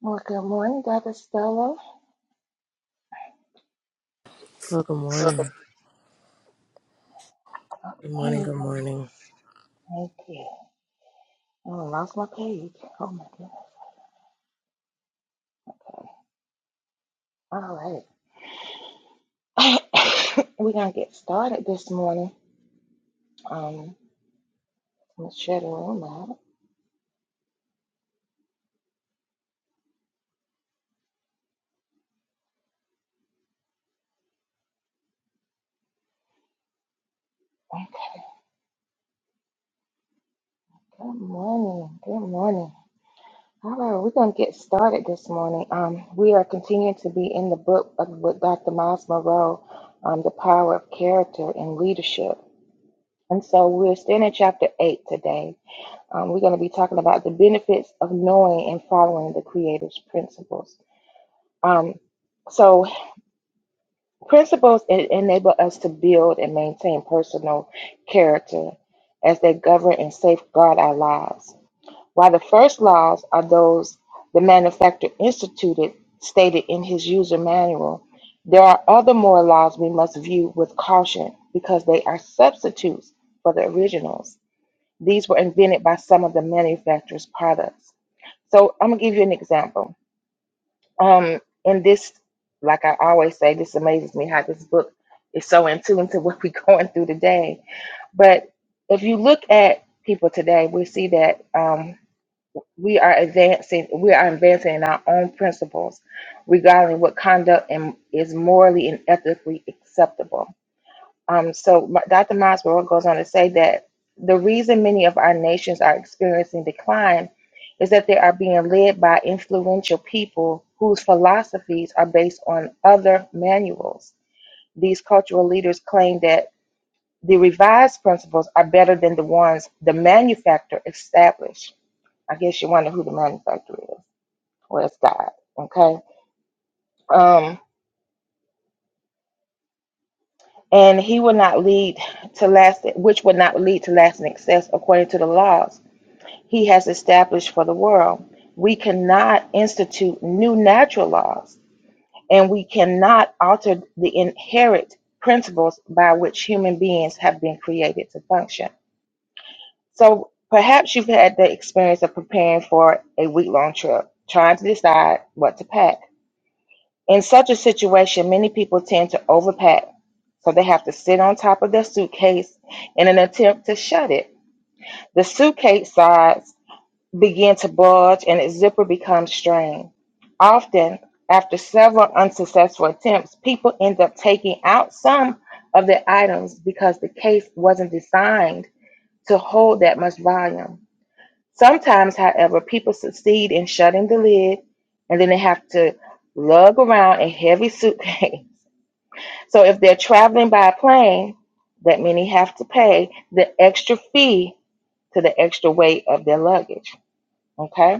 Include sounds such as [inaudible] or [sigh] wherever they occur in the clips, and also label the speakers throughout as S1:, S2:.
S1: Well, good morning, Dr. Stella.
S2: Well, good
S1: Welcome.
S2: morning. Good
S1: Thank
S2: morning.
S1: you.
S2: Good morning.
S1: Thank you. Oh, I lost my page. Oh my goodness. All right. [coughs] We're gonna get started this morning. Um, let's share the room out. Okay. Good morning. Good morning. All right, we're gonna get started this morning. Um, we are continuing to be in the book of with Dr. Miles Moreau, um, The Power of Character and Leadership. And so we're still in chapter eight today. Um, we're going to be talking about the benefits of knowing and following the Creator's principles. Um, so, principles enable us to build and maintain personal character as they govern and safeguard our lives. While the first laws are those the manufacturer instituted, stated in his user manual, there are other moral laws we must view with caution because they are substitutes for the originals. These were invented by some of the manufacturer's products. So I'm gonna give you an example. Um, and this, like I always say, this amazes me how this book is so in tune to what we're [laughs] going through today. But if you look at people today, we see that um, we are advancing, we are advancing in our own principles regarding what conduct and is morally and ethically acceptable um, so Dr. Miles Monroe goes on to say that the reason many of our nations are experiencing decline is that they are being led by influential people whose philosophies are based on other manuals. These cultural leaders claim that the revised principles are better than the ones the manufacturer established. I guess you wonder who the manufacturer is. Well, it's God. Okay. Um, and he will not lead to last, which would not lead to lasting success according to the laws. he has established for the world. We cannot institute new natural laws, and we cannot alter the inherent principles by which human beings have been created to function. So perhaps you've had the experience of preparing for a week long trip, trying to decide what to pack. In such a situation, many people tend to overpack, so they have to sit on top of their suitcase in an attempt to shut it. The suitcase size begin to bulge and its zipper becomes strained. Often, after several unsuccessful attempts, people end up taking out some of their items because the case wasn't designed to hold that much volume. Sometimes, however, people succeed in shutting the lid and then they have to lug around a heavy suitcase. [laughs] So, if they're traveling by plane, that many have to pay the extra fee to the extra weight of their luggage. Okay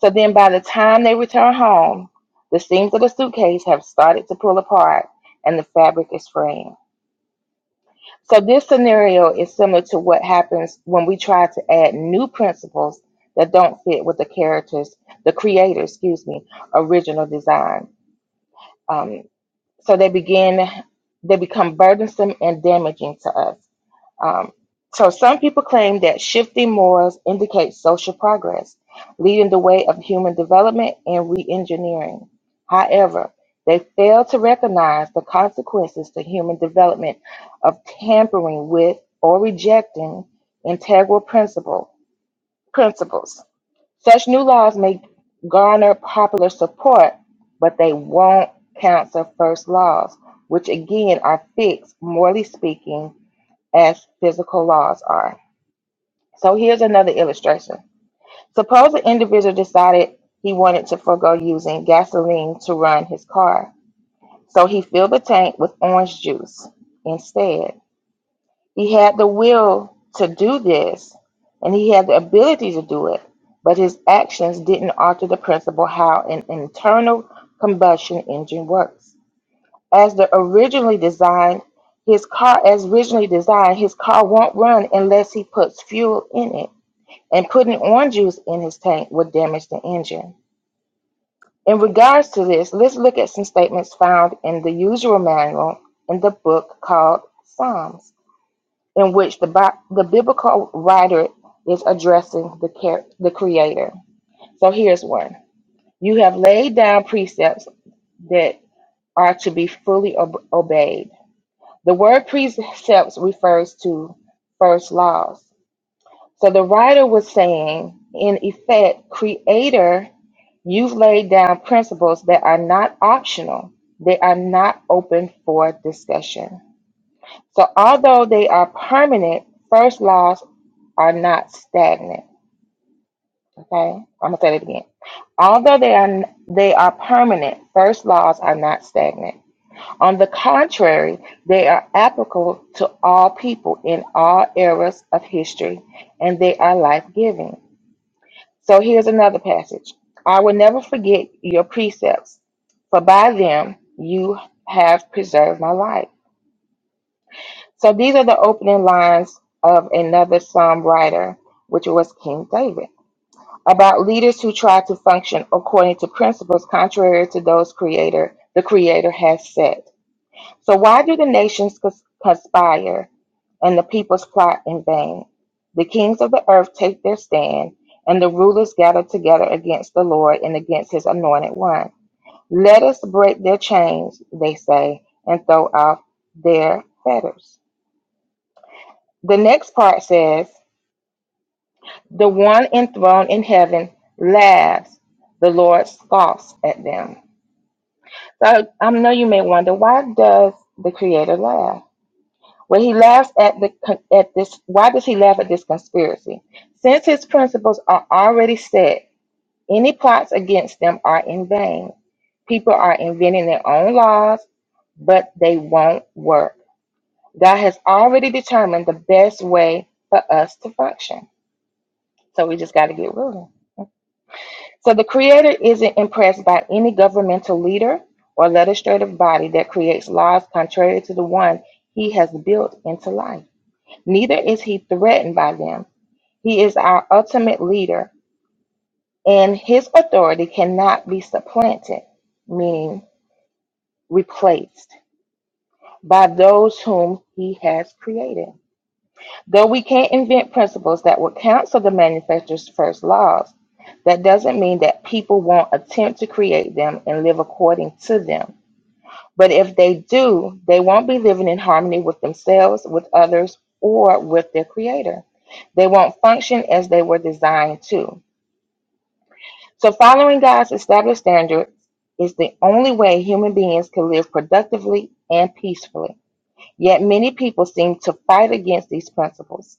S1: so then by the time they return home, the seams of the suitcase have started to pull apart and the fabric is fraying. So this scenario is similar to what happens when we try to add new principles that don't fit with the characters, the creator, excuse me, original design. Um, so they begin, they become burdensome and damaging to us. Um, so some people claim that shifting morals indicates social progress, leading the way of human development and re-engineering. However, they fail to recognize the consequences to human development of tampering with or rejecting integral principle, principles. Such new laws may garner popular support, but they won't counsel first laws, which again are fixed, morally speaking, as physical laws are. So here's another illustration. Suppose an individual decided he wanted to forego using gasoline to run his car. So he filled the tank with orange juice instead. He had the will to do this and he had the ability to do it, but his actions didn't alter the principle how an internal combustion engine works. as the originally designed his car as originally designed his car won't run unless he puts fuel in it and putting orange juice in his tank would damage the engine in regards to this let's look at some statements found in the usual manual in the book called psalms in which the, the biblical writer is addressing the, care, the creator so here's one you have laid down precepts that are to be fully ob- obeyed The word precepts refers to first laws. So the writer was saying, in effect, Creator, you've laid down principles that are not optional, they are not open for discussion. So although they are permanent, first laws are not stagnant. Okay, I'm gonna say it again. Although they are they are permanent, first laws are not stagnant. On the contrary, they are applicable to all people in all eras of history, and they are life giving. So here's another passage I will never forget your precepts, for by them you have preserved my life. So these are the opening lines of another psalm writer, which was King David, about leaders who try to function according to principles contrary to those creator the creator has set. So why do the nations cons- conspire and the peoples plot in vain? The kings of the earth take their stand, and the rulers gather together against the Lord and against his anointed one. Let us break their chains, they say, and throw off their fetters. The next part says, The one enthroned in heaven laughs, the Lord scoffs at them. So I know you may wonder, why does the Creator laugh? When he laughs at the at this, why does he laugh at this conspiracy? Since his principles are already set, any plots against them are in vain. People are inventing their own laws, but they won't work. God has already determined the best way for us to function. So we just got to get ruling. So the Creator isn't impressed by any governmental leader or legislative body that creates laws contrary to the one He has built into life. Neither is he threatened by them. He is our ultimate leader, and his authority cannot be supplanted, meaning replaced, by those whom he has created. Though we can't invent principles that would cancel the manufacturer's first laws, that doesn't mean that people won't attempt to create them and live according to them. But if they do, they won't be living in harmony with themselves, with others, or with their creator. They won't function as they were designed to. So, following God's established standards is the only way human beings can live productively and peacefully. Yet, many people seem to fight against these principles.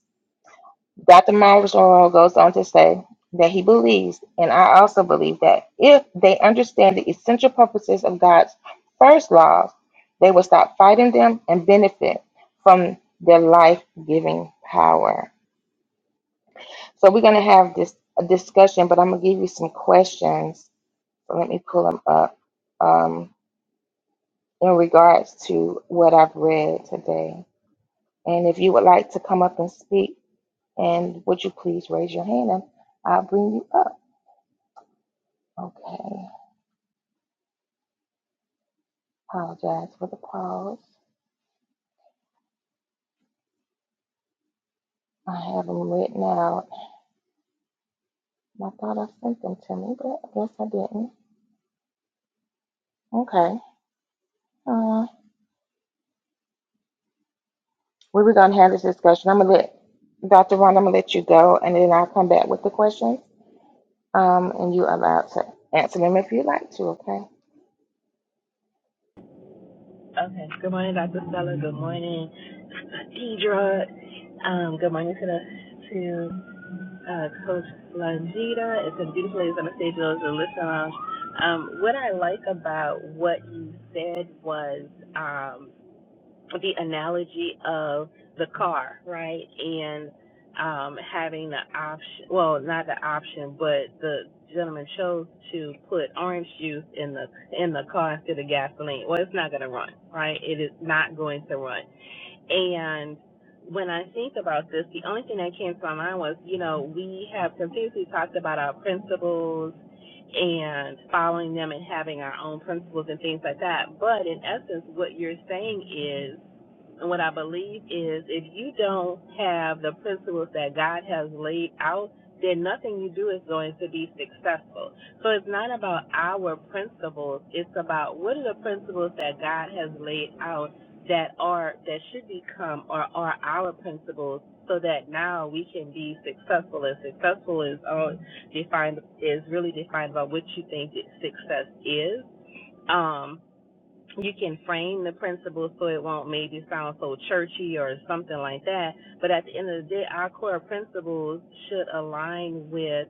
S1: Dr. Miles Monroe goes on to say that he believes, and I also believe, that if they understand the essential purposes of God's first laws, they will stop fighting them and benefit from their life giving power. So we're going to have this a discussion, but I'm going to give you some questions. So let me pull them up um, in regards to what I've read today. And if you would like to come up and speak, and would you please raise your hand? and I'll bring you up. Okay, apologize for the pause. I have them written out. I thought I sent them to me, but I guess I didn't. Okay. Uh, we were gonna have this discussion. I'm gonna let Dr. Ron. I'm gonna let you go, and then I'll come back with the questions. Um, and you are allowed to answer them if you would like to. Okay.
S3: Okay. Good morning, Dr. Stella. Good morning, Deidra. Um, good morning to the to uh, Coach Langita. It's a been beautiful ladies on the stage, those in the listening lounge. Um, what I like about what you said was um, the analogy of the car, right? And um, having the option, well, not the option, but the gentleman chose to put orange juice in the in the car instead of gasoline. Well, it's not going to run, right? It is not going to run. And when I think about this, the only thing that came to my mind was, you know, we have continuously talked about our principles and following them and having our own principles and things like that. But in essence, what you're saying is. And what I believe is if you don't have the principles that God has laid out, then nothing you do is going to be successful. So it's not about our principles. It's about what are the principles that God has laid out that are that should become or are our principles so that now we can be successful. And successful is all defined is really defined by what you think that success is. Um, you can frame the principles so it won't maybe sound so churchy or something like that. But at the end of the day, our core principles should align with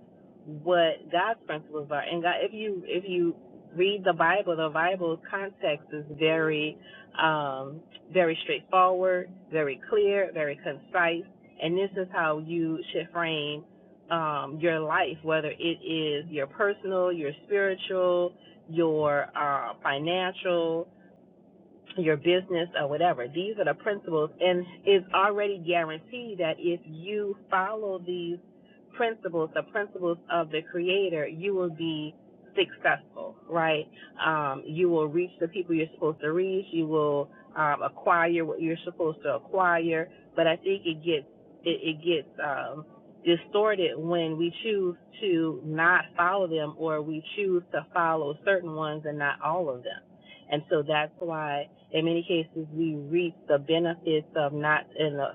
S3: what God's principles are. And God, if you if you read the Bible, the Bible's context is very um, very straightforward, very clear, very concise, and this is how you should frame um, your life, whether it is your personal, your spiritual, your uh, financial your business or whatever. These are the principles and it's already guaranteed that if you follow these principles, the principles of the creator, you will be successful, right? Um, you will reach the people you're supposed to reach. You will um, acquire what you're supposed to acquire. But I think it gets, it, it gets, um, distorted when we choose to not follow them or we choose to follow certain ones and not all of them and so that's why in many cases we reap the benefits of not in the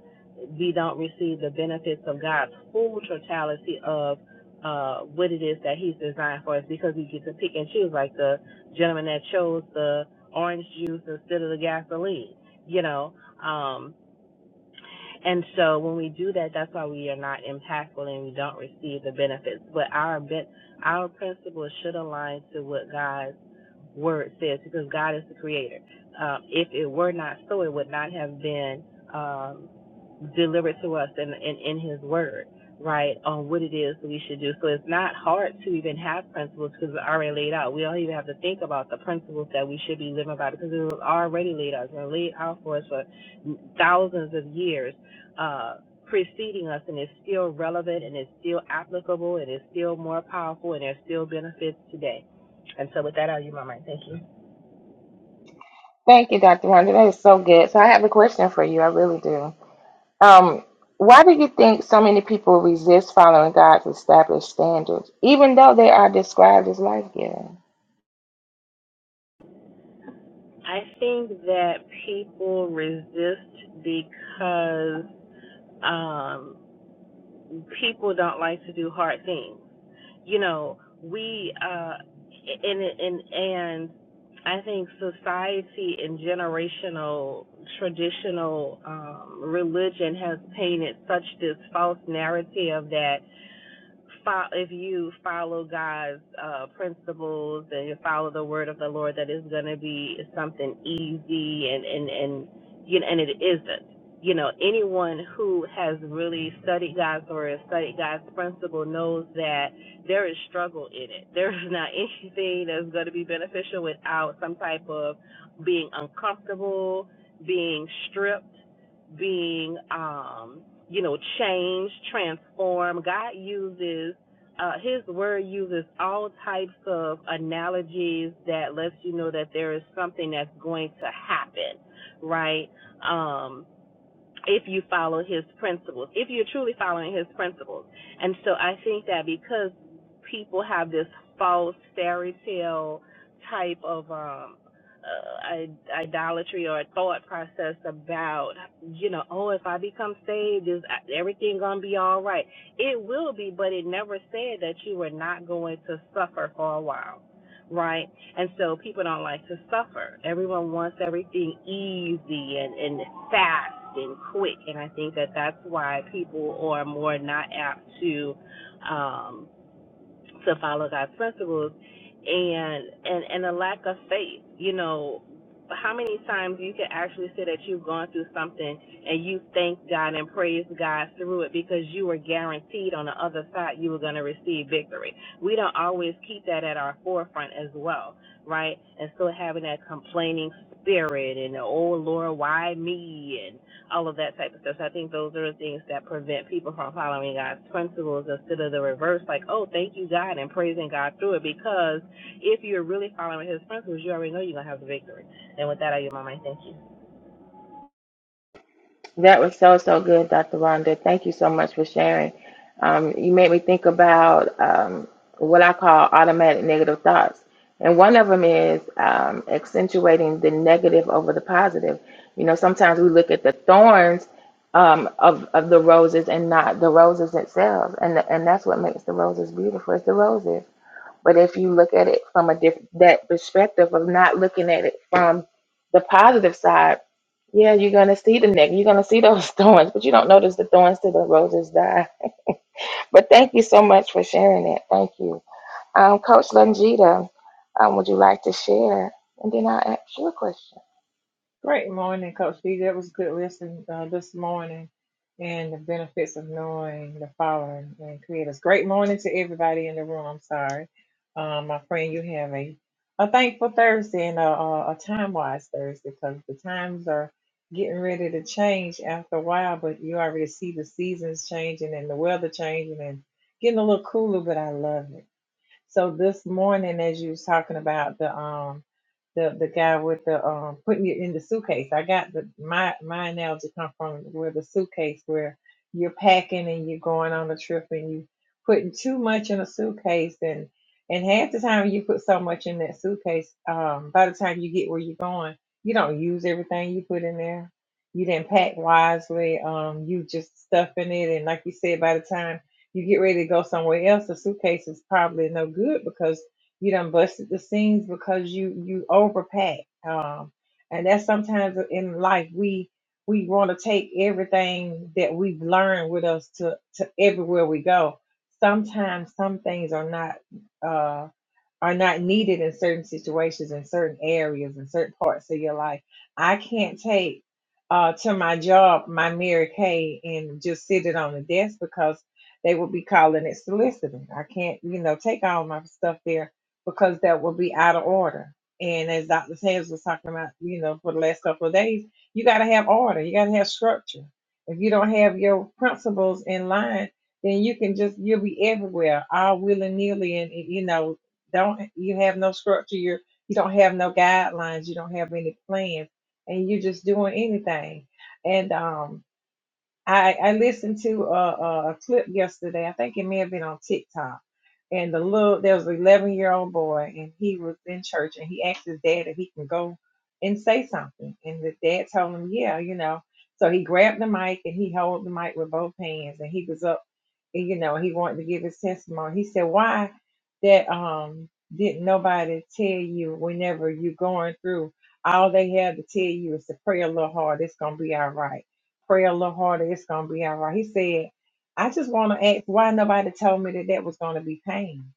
S3: we don't receive the benefits of God's full totality of uh, what it is that He's designed for us because we get to pick and choose, like the gentleman that chose the orange juice instead of the gasoline, you know. Um, and so when we do that, that's why we are not impactful and we don't receive the benefits. But our ben- our principles should align to what God's word says because God is the creator. Um, if it were not so, it would not have been um, delivered to us in, in, in his word, right, on what it is that we should do. So it's not hard to even have principles because it's already laid out. We don't even have to think about the principles that we should be living by because it was already laid out. It's been laid out for us for thousands of years uh, preceding us and is still relevant and is still applicable and is still more powerful and there's still benefits today. And so with that, I'll use my mind. Thank you.
S1: Thank you, Dr. Ron. That is so good. So I have a question for you. I really do. Um, why do you think so many people resist following God's established standards, even though they are described as life-giving?
S3: I think that people resist because um, people don't like to do hard things. you know, we uh and and and I think society and generational traditional um religion has painted such this false narrative that fo- if you follow God's uh, principles and you follow the word of the Lord, that is going to be something easy and and and you know, and it isn't. You know, anyone who has really studied God's word, studied God's principle, knows that there is struggle in it. [laughs] There is not anything that's going to be beneficial without some type of being uncomfortable, being stripped, being um you know, change, transform. God uses uh, His Word uses all types of analogies that lets you know that there is something that's going to happen, right? Um, if you follow his principles, if you're truly following his principles. And so I think that because people have this false fairy tale type of um uh, idolatry or thought process about you know oh if i become saved is uh, everything gonna be all right it will be but it never said that you were not going to suffer for a while right and so people don't like to suffer. Everyone wants everything easy and, and fast and quick. And I think that that's why people are more not apt to um, to follow God's principles and and and a lack of faith. You know, how many times you can actually say that you've gone through something and you thank God and praise God through it because you were guaranteed on the other side you were going to receive victory. We don't always keep that at our forefront as well, right? And so having that complaining spirit and oh Lord, why me And all of that type of stuff. So I think those are the things that prevent people from following God's principles instead of the reverse, like, oh, thank you, God, and praising God through it. Because if you're really following His principles, you already know you're going to have the victory. And with that, I give my mind. Thank you.
S1: That was so, so good, Dr. Rhonda. Thank you so much for sharing. Um, you made me think about um, what I call automatic negative thoughts. And one of them is um, accentuating the negative over the positive. You know, sometimes we look at the thorns um, of, of the roses and not the roses themselves. And, and that's what makes the roses beautiful. It's the roses. But if you look at it from a different that perspective of not looking at it from the positive side, yeah, you're gonna see the neck, you're gonna see those [laughs] thorns, but you don't notice the thorns till the roses die. But thank you so much for sharing that. Thank you, um, Coach Longita. Um, would you like to share? And then I'll ask you a question.
S4: Great morning, Coach B. That was good listen uh, this morning and the benefits of knowing the Father and Creators. Great morning to everybody in the room. I'm sorry. Um, my friend, you have a, a thankful Thursday and a, a, a time wise Thursday because the times are getting ready to change after a while, but you already see the seasons changing and the weather changing and getting a little cooler, but I love it. So this morning, as you was talking about the um the the guy with the um putting it in the suitcase, I got the my my analogy come from where the suitcase where you're packing and you're going on a trip and you putting too much in a suitcase and and half the time you put so much in that suitcase, um, by the time you get where you're going, you don't use everything you put in there. You didn't pack wisely. Um, you just stuffing it, and like you said, by the time you get ready to go somewhere else, the suitcase is probably no good because you done busted the seams because you you overpack. Um, and that's sometimes in life we we want to take everything that we've learned with us to to everywhere we go. Sometimes some things are not. Uh, are not needed in certain situations, in certain areas, in certain parts of your life. I can't take uh, to my job my Mary Kay and just sit it on the desk because they will be calling it soliciting. I can't, you know, take all my stuff there because that will be out of order. And as Dr. Sanders was talking about, you know, for the last couple of days, you got to have order, you got to have structure. If you don't have your principles in line, then you can just you'll be everywhere all willy nilly and you know don't you have no structure you're you don't have no guidelines you don't have any plans and you're just doing anything and um I, I listened to a, a clip yesterday. I think it may have been on TikTok. And the little there was an 11 year old boy, and he was in church, and he asked his dad if he can go and say something. And the dad told him, "Yeah, you know." So he grabbed the mic and he held the mic with both hands, and he was up, and, you know, he wanted to give his testimony. He said, "Why that um didn't nobody tell you whenever you're going through? All they have to tell you is to pray a little hard. It's gonna be all right." pray a little harder. It's gonna be all right. He said, I just want to ask why nobody told me that that was gonna be pain.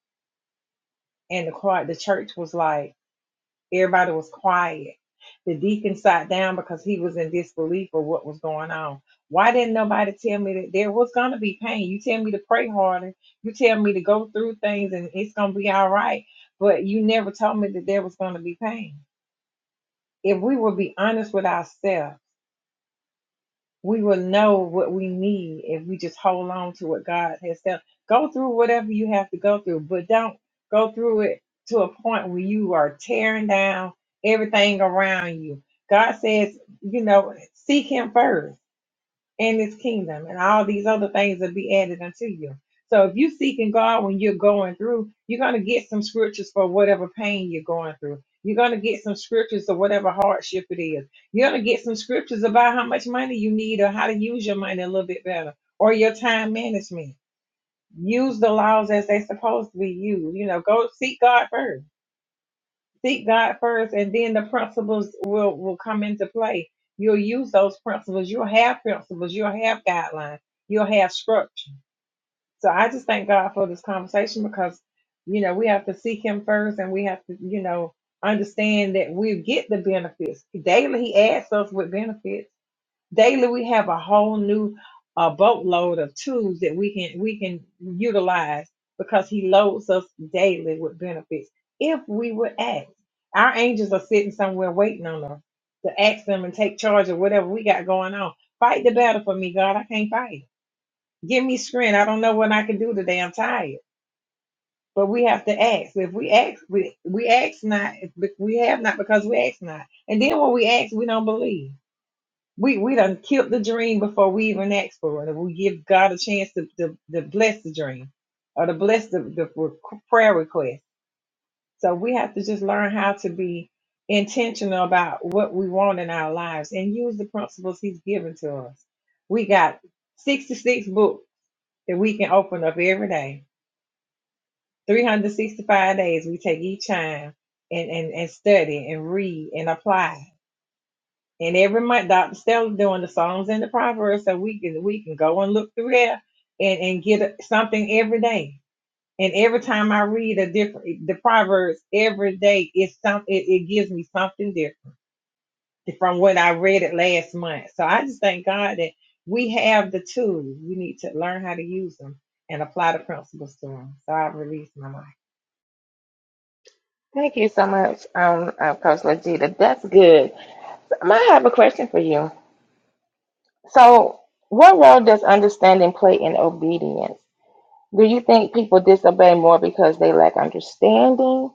S4: And the quiet, the church was like everybody was quiet. The deacon sat down because he was in disbelief of what was going on. Why didn't nobody tell me that there was gonna be pain? You tell me to pray harder. You tell me to go through things, and it's gonna be all right. But you never told me that there was gonna be pain. If we would be honest with ourselves we will know what we need if we just hold on to what God has done. Go through whatever you have to go through, but don't go through it to a point where you are tearing down everything around you. God says, you know, seek Him first and his kingdom and all these other things will be added unto you. So if you're seeking God when you're going through, you're going to get some scriptures for whatever pain you're going through. You're going to get some scriptures of whatever hardship it is. You're going to get some scriptures about how much money you need or how to use your money a little bit better or your time management. Use the laws as they're supposed to be used. You know, go seek God first seek God first, and then the principles will will come into play. You'll use those principles. You'll have principles. You'll have guidelines. You'll have structure. So I just thank God for this conversation because you know we have to seek Him first, and we have to you know understand that we get the benefits daily. He adds us with benefits daily we have a whole new uh, boatload of tools that we can we can utilize because he loads us daily with benefits if we would ask, our angels are sitting somewhere waiting on us to ask them and take charge of whatever we got going on fight the battle for me god i can't fight it. give me strength i don't know what i can do today i'm tired but we have to ask if we ask we, we ask not if we have not because we ask not and then when we ask we don't believe we we done killed the dream before we even ask for it. We give God a chance to, to, to bless the dream or to bless the, the requ- prayer request. So we have to just learn how to be intentional about what we want in our lives and use the principles He's given to us. We got 66 books that we can open up every day, 365 days we take each time and, and, and study and read and apply And every month, Dr. Stella's doing the songs and the proverbs, so we can we can go and look through there and and get a- something every day. And every time I read a different the proverbs every day, it's some it, it gives me something different from what I read it last month. So I just thank God that we have the tools. We need to learn how to use them and apply the principles to them. So I release my mind.
S1: Thank you so much, um, uh, Coach Longita. That's good. Um, I have a question for you. So, what role does understanding play in obedience? Do you think people disobey more because they lack understanding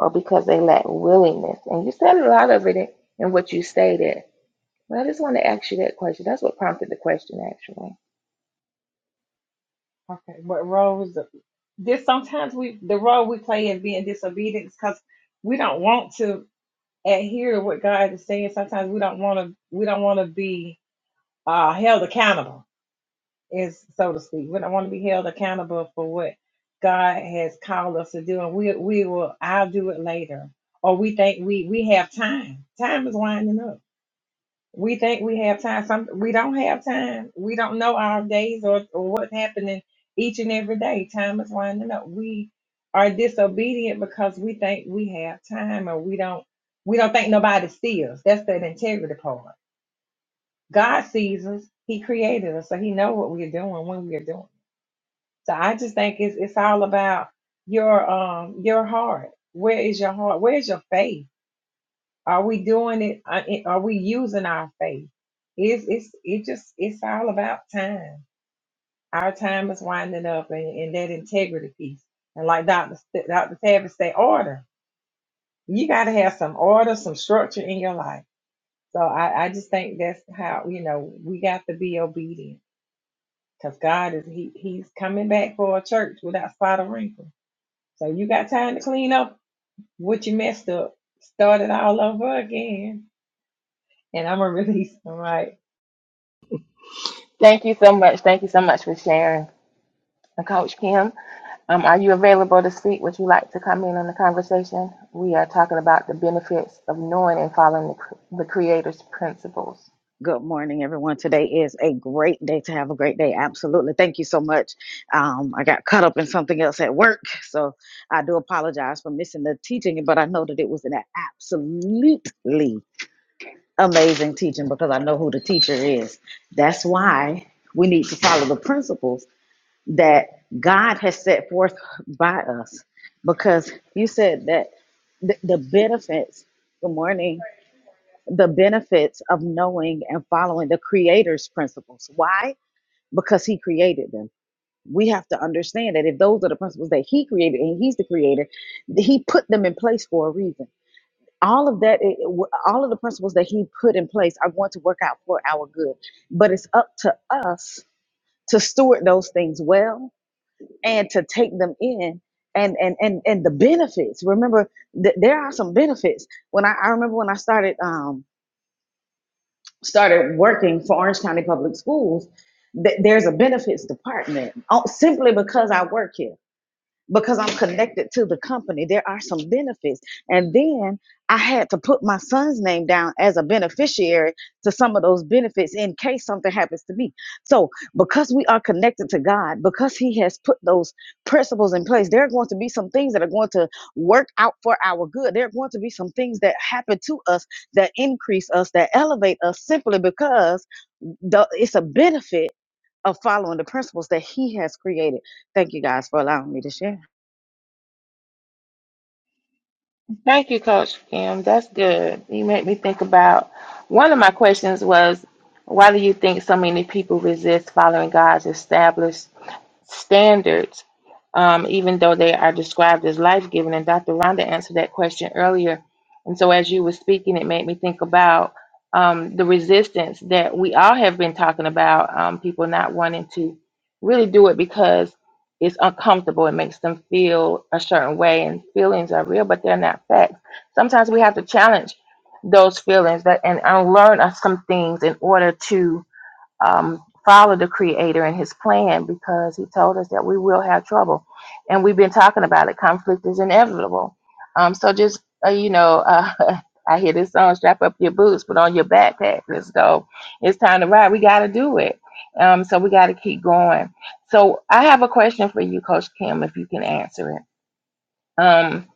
S1: or because they lack willingness? And you said a lot of it in, what you stated. But I just want to ask you that question. That's what prompted the question, actually.
S4: Okay, what role is the this sometimes we the role we play in being disobedient because we don't want to and hear what God is saying. Sometimes we don't want to we don't want to be uh, held accountable, is so to speak. We don't want to be held accountable for what God has called us to do, and we we will I'll do it later, or we think we we have time. Time is winding up we think we have time. Some we don't have time. We don't know our days or, or what's happening each and every day. Time is winding up. We are disobedient because we think we have time or we don't we don't think nobody sees us. That's that integrity part. God sees us. He created us, so he knows what we are doing when we are doing. it. So I just think it's it's all about your um your heart. Where is your heart? Where is your faith? Are we doing it? uh, Are we using our faith? It's it's it just it's all about time. Our time is winding up, and, and that integrity piece. And like Doctor St- Doctor Tavis say, order. You got to have some order, some structure in your life. So I I just think that's how you know we got to be obedient because God is he he's coming back for a church without spot or wrinkle. So you got time to clean up what you messed up, start it all over again. And I'm gonna [laughs] release them right.
S1: Thank you so much. Thank you so much for sharing. And Coach Kim, um, are you available to speak? Would you like to come in on the conversation? We are talking about the benefits of knowing and following the, cr- the Creator's principles.
S5: Good morning, everyone. Today is a great day to have a great day. Absolutely. Thank you so much. Um, I got caught up in something else at work, so I do apologize for missing the teaching, but I know that it was an absolutely amazing teaching because I know who the teacher is. That's why we need to follow the principles that God has set forth by us because you said that the, the benefits. Good morning the benefits of knowing and following the creator's principles. Why? Because he created them. We have to understand that if those are the principles that he created and he's the creator, he put them in place for a reason. All of that, it- it- all of the principles that he put in place are going to work out for our good. But it's up to us to steward those things well and to take them in and and and and the benefits. Remember, th- there are some benefits. When I, I remember when I started um, started working for Orange County Public Schools, th- there's a benefits department oh, simply because I work here because I'm connected to the company. There are some benefits. And then I had to put my son's name down as a beneficiary to some of those benefits in case something happens to me. So, because we are connected to God, because He has put those principles in place, there are going to be some things that are going to work out for our good. There are going to be some things that happen to us that increase us, that elevate us simply because the, it's a benefit of following the principles that He has created. Thank you guys for allowing me to share.
S1: Thank you, Coach Kim. That's good. You made me think about one of my questions was, why do you think so many people resist following God's established standards, um, even though they are described as life giving? And Dr. Rhonda answered that question earlier. And so, as you were speaking, it made me think about um, the resistance that we all have been talking about um, people not wanting to really do it because it's uncomfortable. It makes them feel a certain way, and feelings are real, but they're not facts. Sometimes we have to challenge those feelings that and unlearn us some things in order to um, follow the creator and his plan because he told us that we will have trouble and we've been talking about it conflict is inevitable um, so just uh, you know uh, [laughs] i hear this song strap up your boots put on your backpack let's go it's time to ride we got to do it um, so we got to keep going so i have a question for you coach kim if you can answer it um,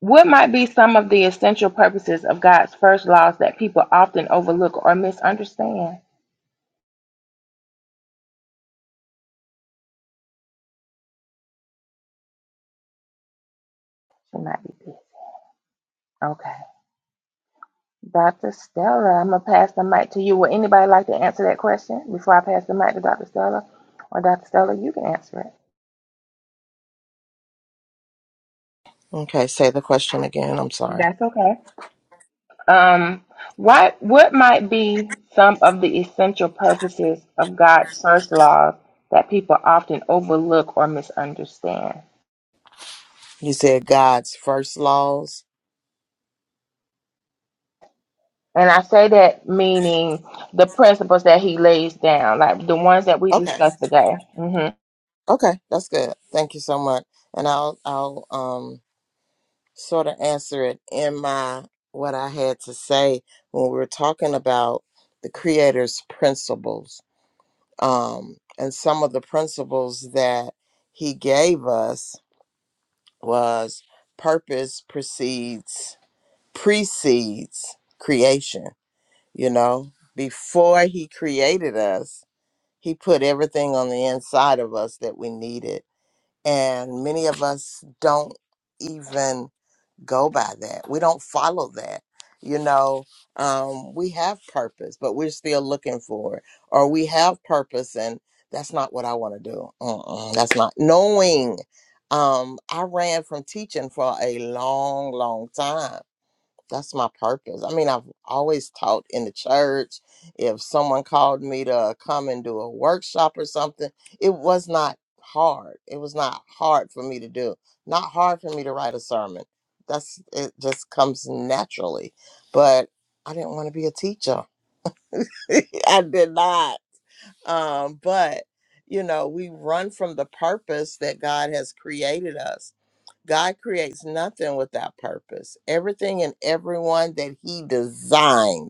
S1: what might be some of the essential purposes of god's first laws that people often overlook or misunderstand she might be busy. okay Dr. Stella, I'm gonna pass the mic to you. Would anybody like to answer that question before I pass the mic to Dr. Stella? Or Dr. Stella, you can answer it.
S2: Okay, say the question again. I'm sorry.
S1: That's okay. Um, what what might be some of the essential purposes of God's first laws that people often overlook or misunderstand?
S2: You said God's first laws.
S1: And I say that meaning the principles that He lays down, like the ones that we
S2: Okay.
S1: discussed today. Mm-hmm.
S2: Okay, that's good. Thank you so much. And I'll I'll um sort of answer it in my what I had to say when we were talking about the creator's principles. Um and some of the principles that he gave us was purpose precedes precedes creation You know, before he created us, he put everything on the inside of us that we needed. And many of us don't even go by that. We don't follow that. You know, um, we have purpose, but we're still looking for it. Or we have purpose and that's not what I want to do. Mm-mm, that's not knowing. Um, I ran from teaching for a long, long time that's my purpose. I mean, I've always taught in the church. If someone called me to come and do a workshop or something, it was not hard. It was not hard for me to do. Not hard for me to write a sermon. That's it just comes naturally. But I didn't want to be a teacher. [laughs] I did not um, but you know we run from the purpose that god has created us god creates nothing without purpose everything and everyone that he designed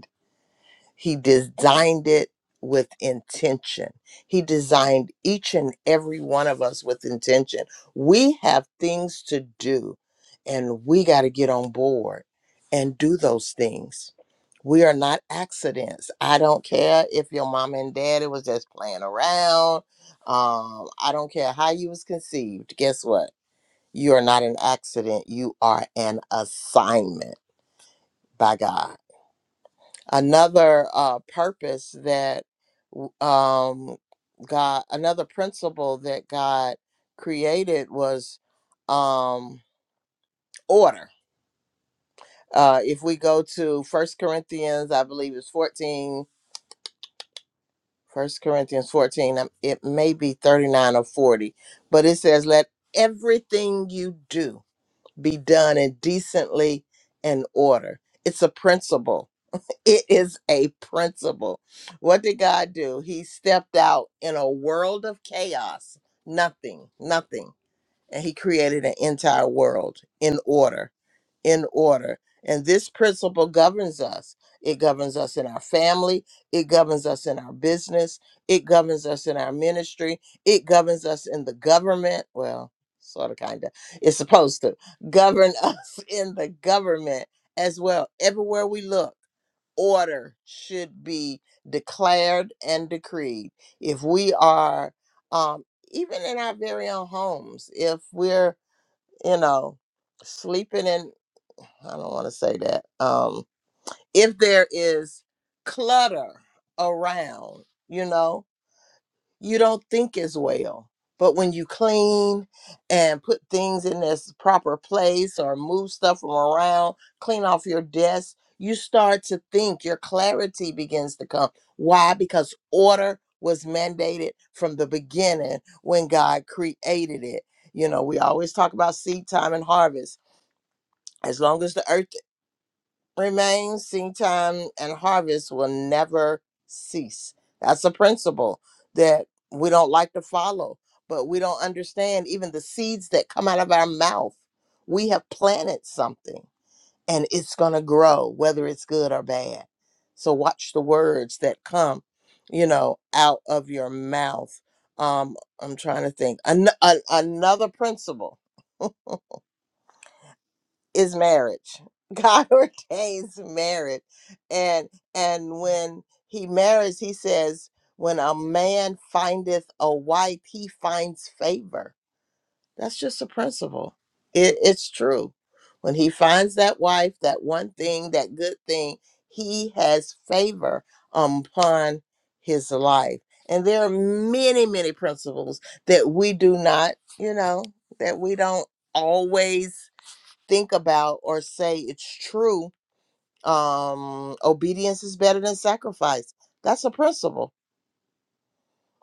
S2: he designed it with intention. He designed each and every one of us with intention. We have things to do, and we got to get on board and do those things. We are not accidents. I don't care if your mom and daddy was just playing around. Um, I don't care how you was conceived. Guess what? You are not an accident. You are an assignment by God another uh, purpose that w- um, God, another principle that God created was um, order. Uh, if we go to First Corinthians, I believe it's 14, 1 Corinthians 14, um, it may be 39 or 40, but it says, Let everything you do be done in decently and order. It's a principle It is a principle. What did God do? He stepped out in a world of chaos, nothing, nothing. And he created an entire world in order, in order. And this principle governs us. It governs us in our family. It governs us in our business. It governs us in our ministry. It governs us in the government. Well, sort of, kind of. It's supposed to govern [laughs] us in the government as well, everywhere we look order should be declared and decreed. If we are, um, even in our very own homes, if we're, you know, sleeping in, I don't want to say that, um, if there is clutter around, you know, you don't think as well. But when you clean and put things in this proper place or move stuff from around, clean off your desk, you start to think, your clarity begins to come. Why? Because order was mandated from the beginning when God created it. You know, we always talk about seed time and harvest. As long as the earth remain, seed time, and harvest will never cease. That's a principle that we don't like to follow, but we don't understand even the seeds that come out of our mouth. We have planted something and it's going to grow, whether it's good or bad. So watch the words that come, you know, out of your mouth. Um, I'm trying to think. An- an- another principle is marriage. God [laughs] ordains marriage. And and when he marries, he says, when a man findeth a wife, he finds favor. That's just a principle. It, it's true. When he finds that wife, that one thing, that good thing, he has favor upon his life. And there are many, many principles that we do not, you know, that we don't always think about or say it's true um obedience is better than sacrifice that's a principle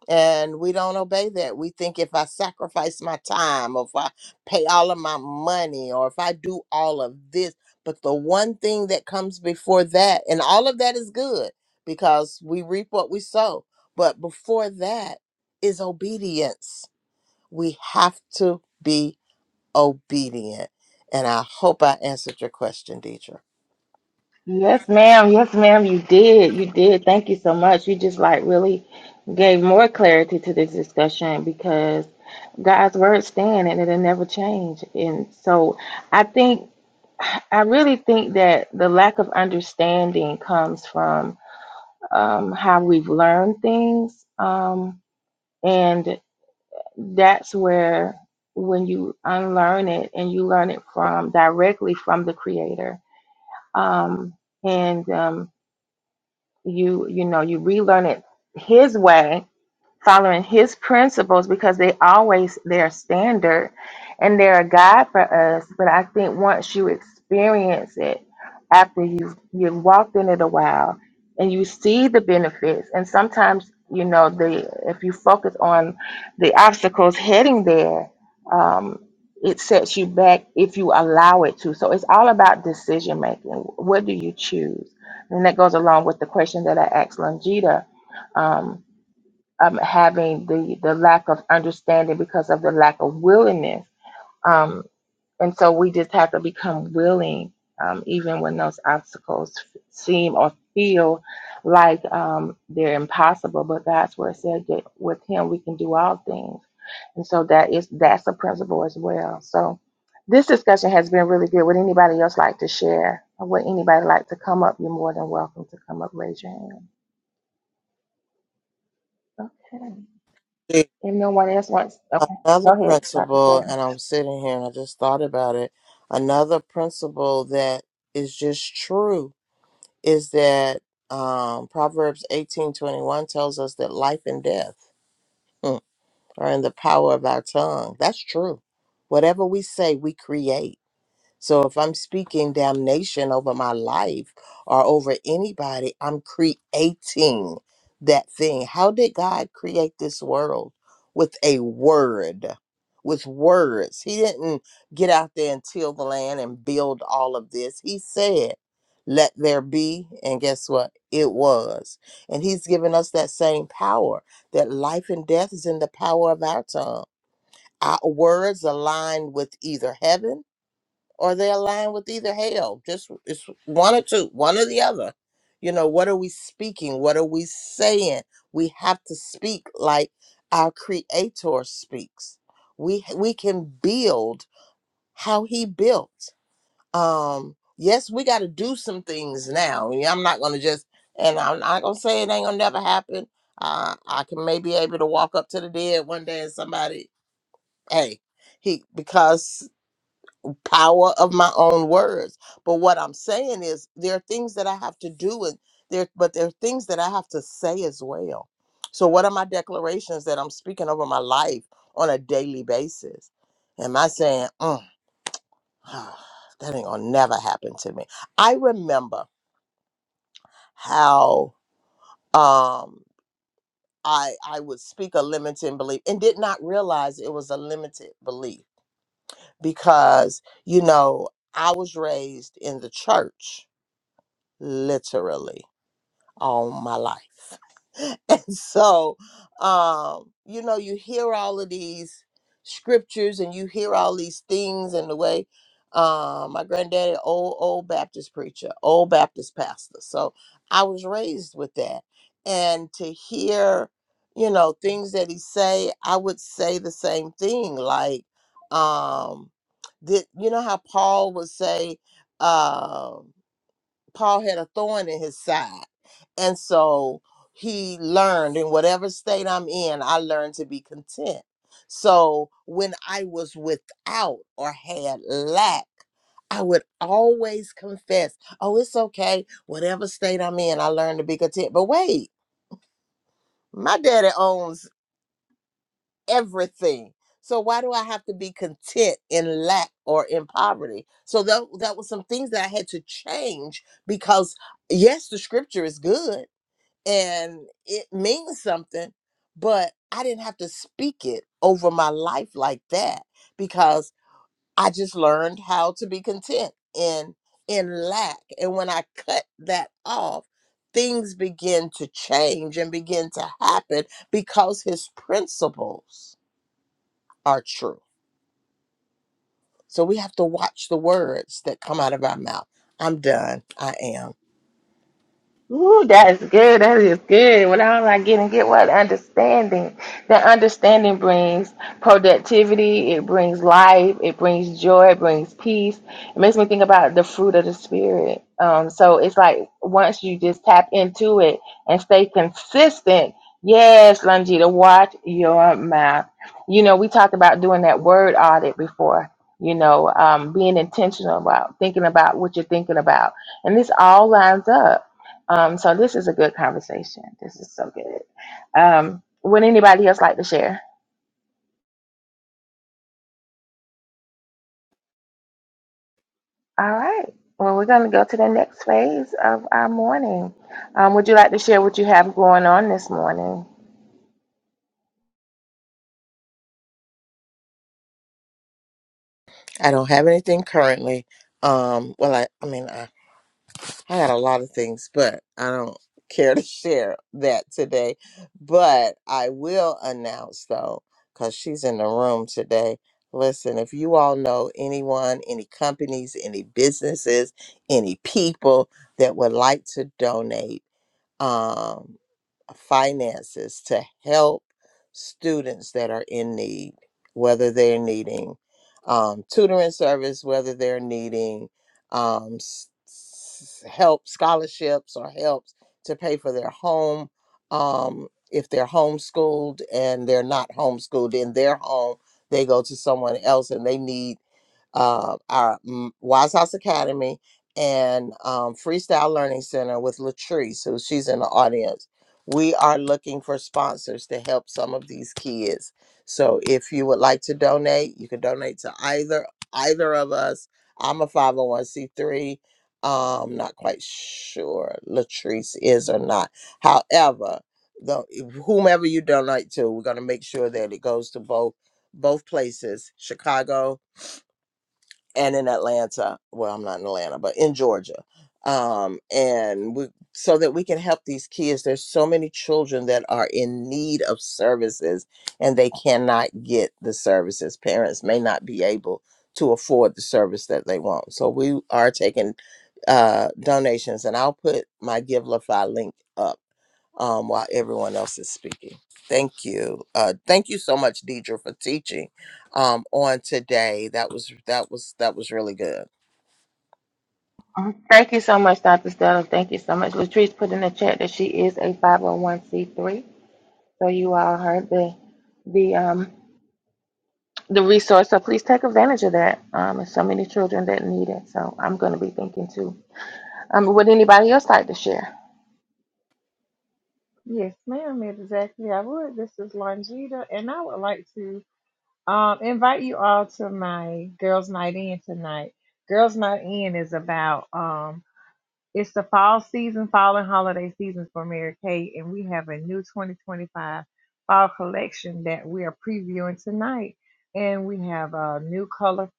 S2: and we don't obey that we think if i sacrifice my time or if i pay all of my money or if i do all of this but the one thing that comes before that and all of that is good because we reap what we sow but before that is obedience we have to be obedient and i hope i answered your question deidre
S1: Yes, ma'am. Yes, ma'am. You did. You did. Thank you so much. You just like really gave more clarity to this discussion because God's word stand and it'll never change. And so I think, I really think that the lack of understanding comes from um, how we've learned things. Um, and that's where when you unlearn it and you learn it from directly from the creator. Um, and, um, You you know you relearn it His way, following his principles because they always their standard and they're a guide for us but i think once you experience it after you've you've walked in it a while and you see the benefits and sometimes you know the if you focus on the obstacles heading there um, it sets you back if you allow it to so it's all about decision making what do you choose and that goes along with the question that i asked longita um, um, having the the lack of understanding because of the lack of willingness. Um, and so we just have to become willing, um, even when those obstacles f- seem or feel like um, they're impossible. But God's word said that with Him we can do all things, and so that is that's a principle as well. So this discussion has been really good. Would anybody else like to share? Or would anybody like to come up? You're more than welcome to come up. Raise your hand. Okay.
S2: See,
S1: If no one else wants, okay,
S2: another
S1: go ahead, Dr. Stokes.
S2: principle, and I'm sitting here and I just thought about it. Another principle that is just true is that um, Proverbs 18:21 tells us that life and death mm, are in the power of our tongue. That's true. Whatever we say, we create. So if I'm speaking damnation over my life or over anybody, I'm creating that thing. How did God create this world? With a word, with words. He didn't get out there and till the land and build all of this. He said, let there be. And guess what? It was. And he's given us that same power that life and death is in the power of our tongue. Our words align with either heaven or they align with either hell. Just it's one or two, one or the other. You know, what are we speaking? What are we saying? We have to speak like our creator speaks. We we can build how he built. Um, yes, we gotta do some things now. Yeah, I'm not gonna just and I'm not gonna say it ain't gonna never happen. Uh, I can maybe able to walk up to the dead one day and somebody, hey, he because power of my own words. But what I'm saying is there are things that I have to do and there but there are things that I have to say as well. So what are my declarations that I'm speaking over my life on a daily basis? Am I saying, mm, [sighs] that ain't gonna never happen to me? I remember how um I I would speak a limiting belief and did not realize it was a limited belief because you know I was raised in the church literally all my life. [laughs] And so, um, you know, you hear all of these scriptures and you hear all these things and the way um my granddaddy, old old Baptist preacher, old Baptist pastor. So I was raised with that. And to hear, you know, things that he say, I would say the same thing. Like, um, did you know how Paul would say, um, Paul had a thorn in his side. And so he learned in whatever state I'm in, I learned to be content. So when I was without or had lack, I would always confess, oh, it's okay. Whatever state I'm in, I learned to be content. But wait, my daddy owns everything. So why do I have to be content in lack or in poverty? So that that was some things that I had to change because yes, the scripture is good and it means something, but I didn't have to speak it over my life like that because I just learned how to be content in in lack. And when I cut that off, things begin to change and begin to happen because his principles are true. So we have to watch the words that come out of our mouth. I'm done. I am.
S1: Ooh, that's good. That is good. What all I get and get what understanding. That understanding brings productivity. It brings life. It brings joy. It brings peace. It makes me think about the fruit of the spirit. Um, so it's like once you just tap into it and stay consistent. Yes, Longita, watch your mouth. You know, we talked about doing that word audit before. You know, um, being intentional about thinking about what you're thinking about, and this all lines up um, so this is a good conversation. This is so good. Um, would anybody else like to share? All right. Well, we're going to go to the next phase of our morning. Um, would you like to share what you have going on this morning?
S2: I don't have anything currently. Um, well, I, I mean, I, I had a lot of things, but I don't care to [laughs] share that today. But I will announce though, because she's in the room today. Listen, if you all know anyone, any companies, any businesses, any people that would like to donate, um, finances to help students that are in need, whether they're needing um, tutoring service, whether they're needing um, s- s- help, scholarships, or helps to pay for their home. Um, if they're homeschooled and they're not homeschooled in their home, they go to someone else and they need uh, our mm, Wise House Academy and um, Freestyle Learning Center with Latrice, who she's in the audience. We are looking for sponsors to help some of these kids. So if you would like to donate, you can donate to either either of us. I'm a 501c3. Um, not quite sure Latrice is or not. However, the whomever you donate to, we're gonna make sure that it goes to both both places, Chicago and in Atlanta. Well, I'm not in Atlanta, but in Georgia. Um, and we, so that we can help these kids. There's so many children that are in need of services and they cannot get the services. Parents may not be able to afford the service that they want. So we are taking uh, donations, and I'll put my GiveLify link up um, while everyone else is speaking. Thank you. Uh, thank you so much, Deidre, for teaching um on today. That was that was that was really good.
S1: Thank you so much, Dr. Stella. Thank you so much. Latrice put in the chat that she is a 501c3. So you all heard the the um the resource. So please take advantage of that. Um, there's so many children that need it. So I'm going to be thinking too. Um, would anybody else like to share?
S4: Yes, ma'am, exactly. I would. This is Longita, and I would like to um, invite you all to my Girls Night In tonight. Girls Night In is about um, it's the fall season, fall and holiday season for Mary Kay, and we have a new 2025 fall collection that we are previewing tonight. And we have uh, new color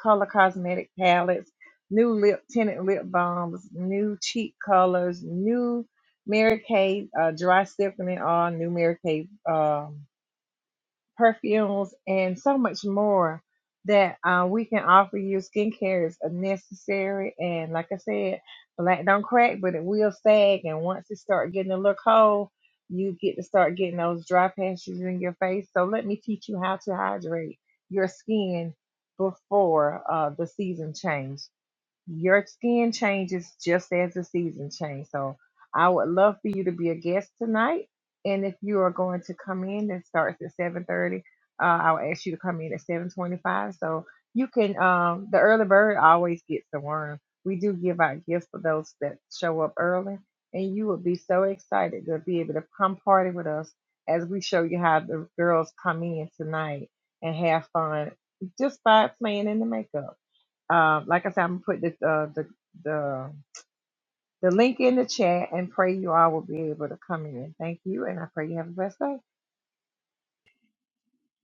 S4: color cosmetic palettes, new lip tinted lip balms, new cheek colors, new Mary Kay uh, dry stiffening oil, new Mary Kay. um, perfumes, and so much more that uh, we can offer you. Skincare is necessary, and like I said, black don't crack, but it will sag. And once it start getting a little cold, you get to start getting those dry patches in your face. So let me teach you how to hydrate your skin before uh, the season change. Your skin changes just as the season changes. So I would love for you to be a guest tonight. And if you are going to come in, it starts at 7:30. Uh, I'll ask you to come in at 7:25. So you can. Um, the early bird always gets the worm. We do give out gifts for those that show up early, and you will be so excited to be able to come party with us as we show you how the girls come in tonight and have fun just by playing in the makeup. Um, like I said, I'm gonna put the, uh, the the the link in the chat and pray you all will be able to come in. Thank you, and I pray you have a blessed day.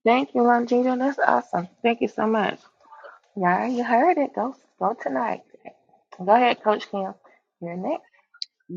S1: Thank you, Longita. That's awesome. Thank you so much. Yeah, you heard it. Go go tonight. Go ahead, Coach Kim. You're next.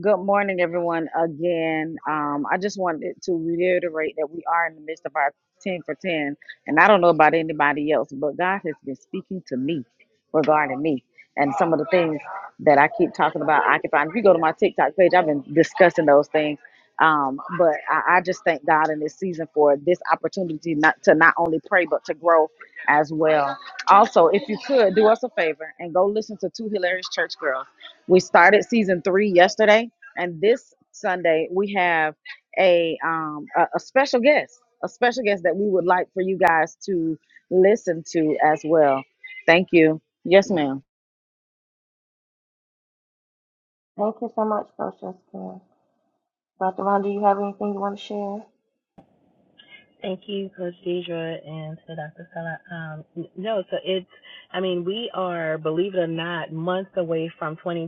S5: Good morning, everyone. Again, um, I just wanted to reiterate that we are in the midst of our 10 for 10. And I don't know about anybody else, but God has been speaking to me regarding me and some of the things that I keep talking about occupying. If you go to my TikTok page, I've been discussing those things. Um, but I, I just thank God in this season for this opportunity not to not only pray but to grow as well. Also, if you could do us a favor and go listen to two hilarious church girls. We started season three yesterday and this Sunday we have a um a, a special guest, a special guest that we would like for you guys to listen to as well. Thank you. Yes, ma'am.
S1: Thank you so much, Coach Kim. Dr. Ron, do you have anything you want to share?
S3: Thank you, Coach Deidre, and to Dr. Stella. Um, no, so it's, I mean, we are, believe it or not, months away from twenty.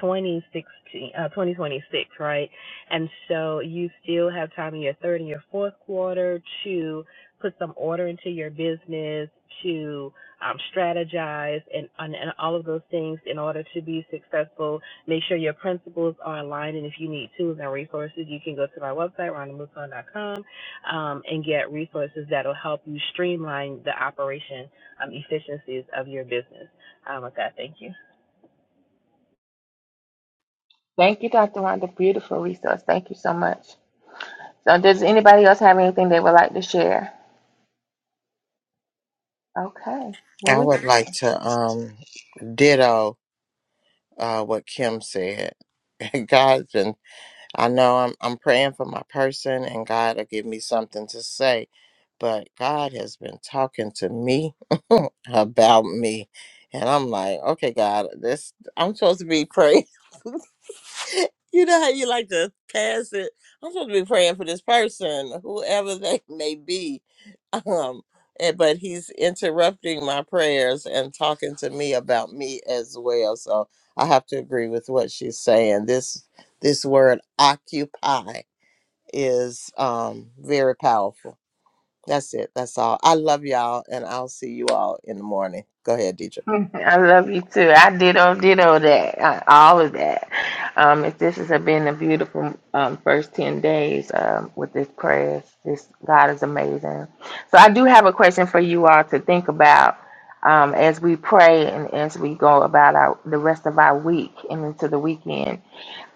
S3: 2016, uh, 2026, right? And so you still have time in your third and your fourth quarter to put some order into your business, to um, strategize, and, and and all of those things in order to be successful. Make sure your principles are aligned, and if you need tools and resources, you can go to my website, rondamuson.com, um, and get resources that'll help you streamline the operation um, efficiencies of your business. Um, with that, thank you.
S1: Thank you, Dr. Rhonda. Beautiful resource. Thank you so much. So, does anybody else have anything they would like to share? Okay. Well,
S2: I
S1: we
S2: would like to um ditto uh what Kim said. [laughs] God's been I know I'm I'm praying for my person and God will give me something to say, but God has been talking to me [laughs] about me. And I'm like, okay, God, this I'm supposed to be praying. [laughs] You know how you like to pass it. I'm supposed to be praying for this person, whoever they [laughs] may be. Um, eh, but he's interrupting my prayers and talking to me about me as well. So I have to agree with what she's saying. This this word occupy is um very powerful. That's it. That's all. I love y'all, and I'll see you all in the morning. Go ahead, Deidre.
S1: [laughs] I love you too. I ditto, ditto that, uh, all of that. Um, if this has been a beautiful um, first 10 days um, with this prayers, this God is amazing. So I do have a question for you all to think about um, as we pray and as we go about our, the rest of our week and into the weekend.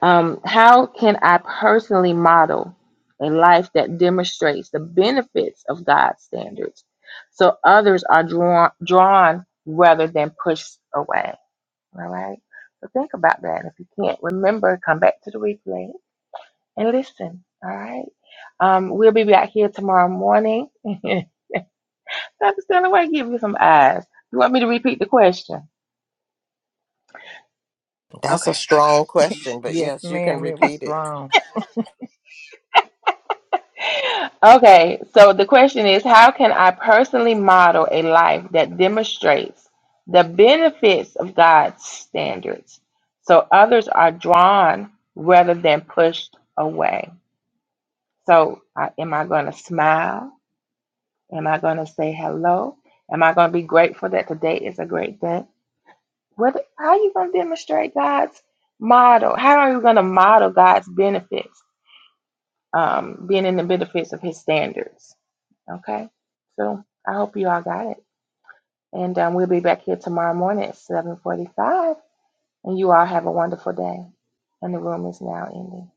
S1: Um, how can I personally model a life that demonstrates the benefits of God's standards so others are drawn drawn rather than pushed away? All right. So think about that. If you can't remember, come back to the replay and listen. All right. Um, we'll be back here tomorrow morning. [laughs] Dr. Stanley, why give you some eyes? You want me to repeat the question?
S2: That's a
S1: Okay.
S2: strong question, but
S4: Yes,
S2: yes, you can
S4: ma'am. It was
S2: repeat it.
S4: long.
S1: Okay, so the question is how can I personally model a life that demonstrates the benefits of God's standards so others are drawn rather than pushed away? So, I, am I going to smile? Am I going to say hello? Am I going to be grateful that today is a great day? What, how are you going to demonstrate God's model? How are you going to model God's benefits, um, being in the benefits of His standards? Okay. So I hope you all got it. And um, we'll be back here tomorrow morning at 745. And you all have a wonderful day. And the room is now ending.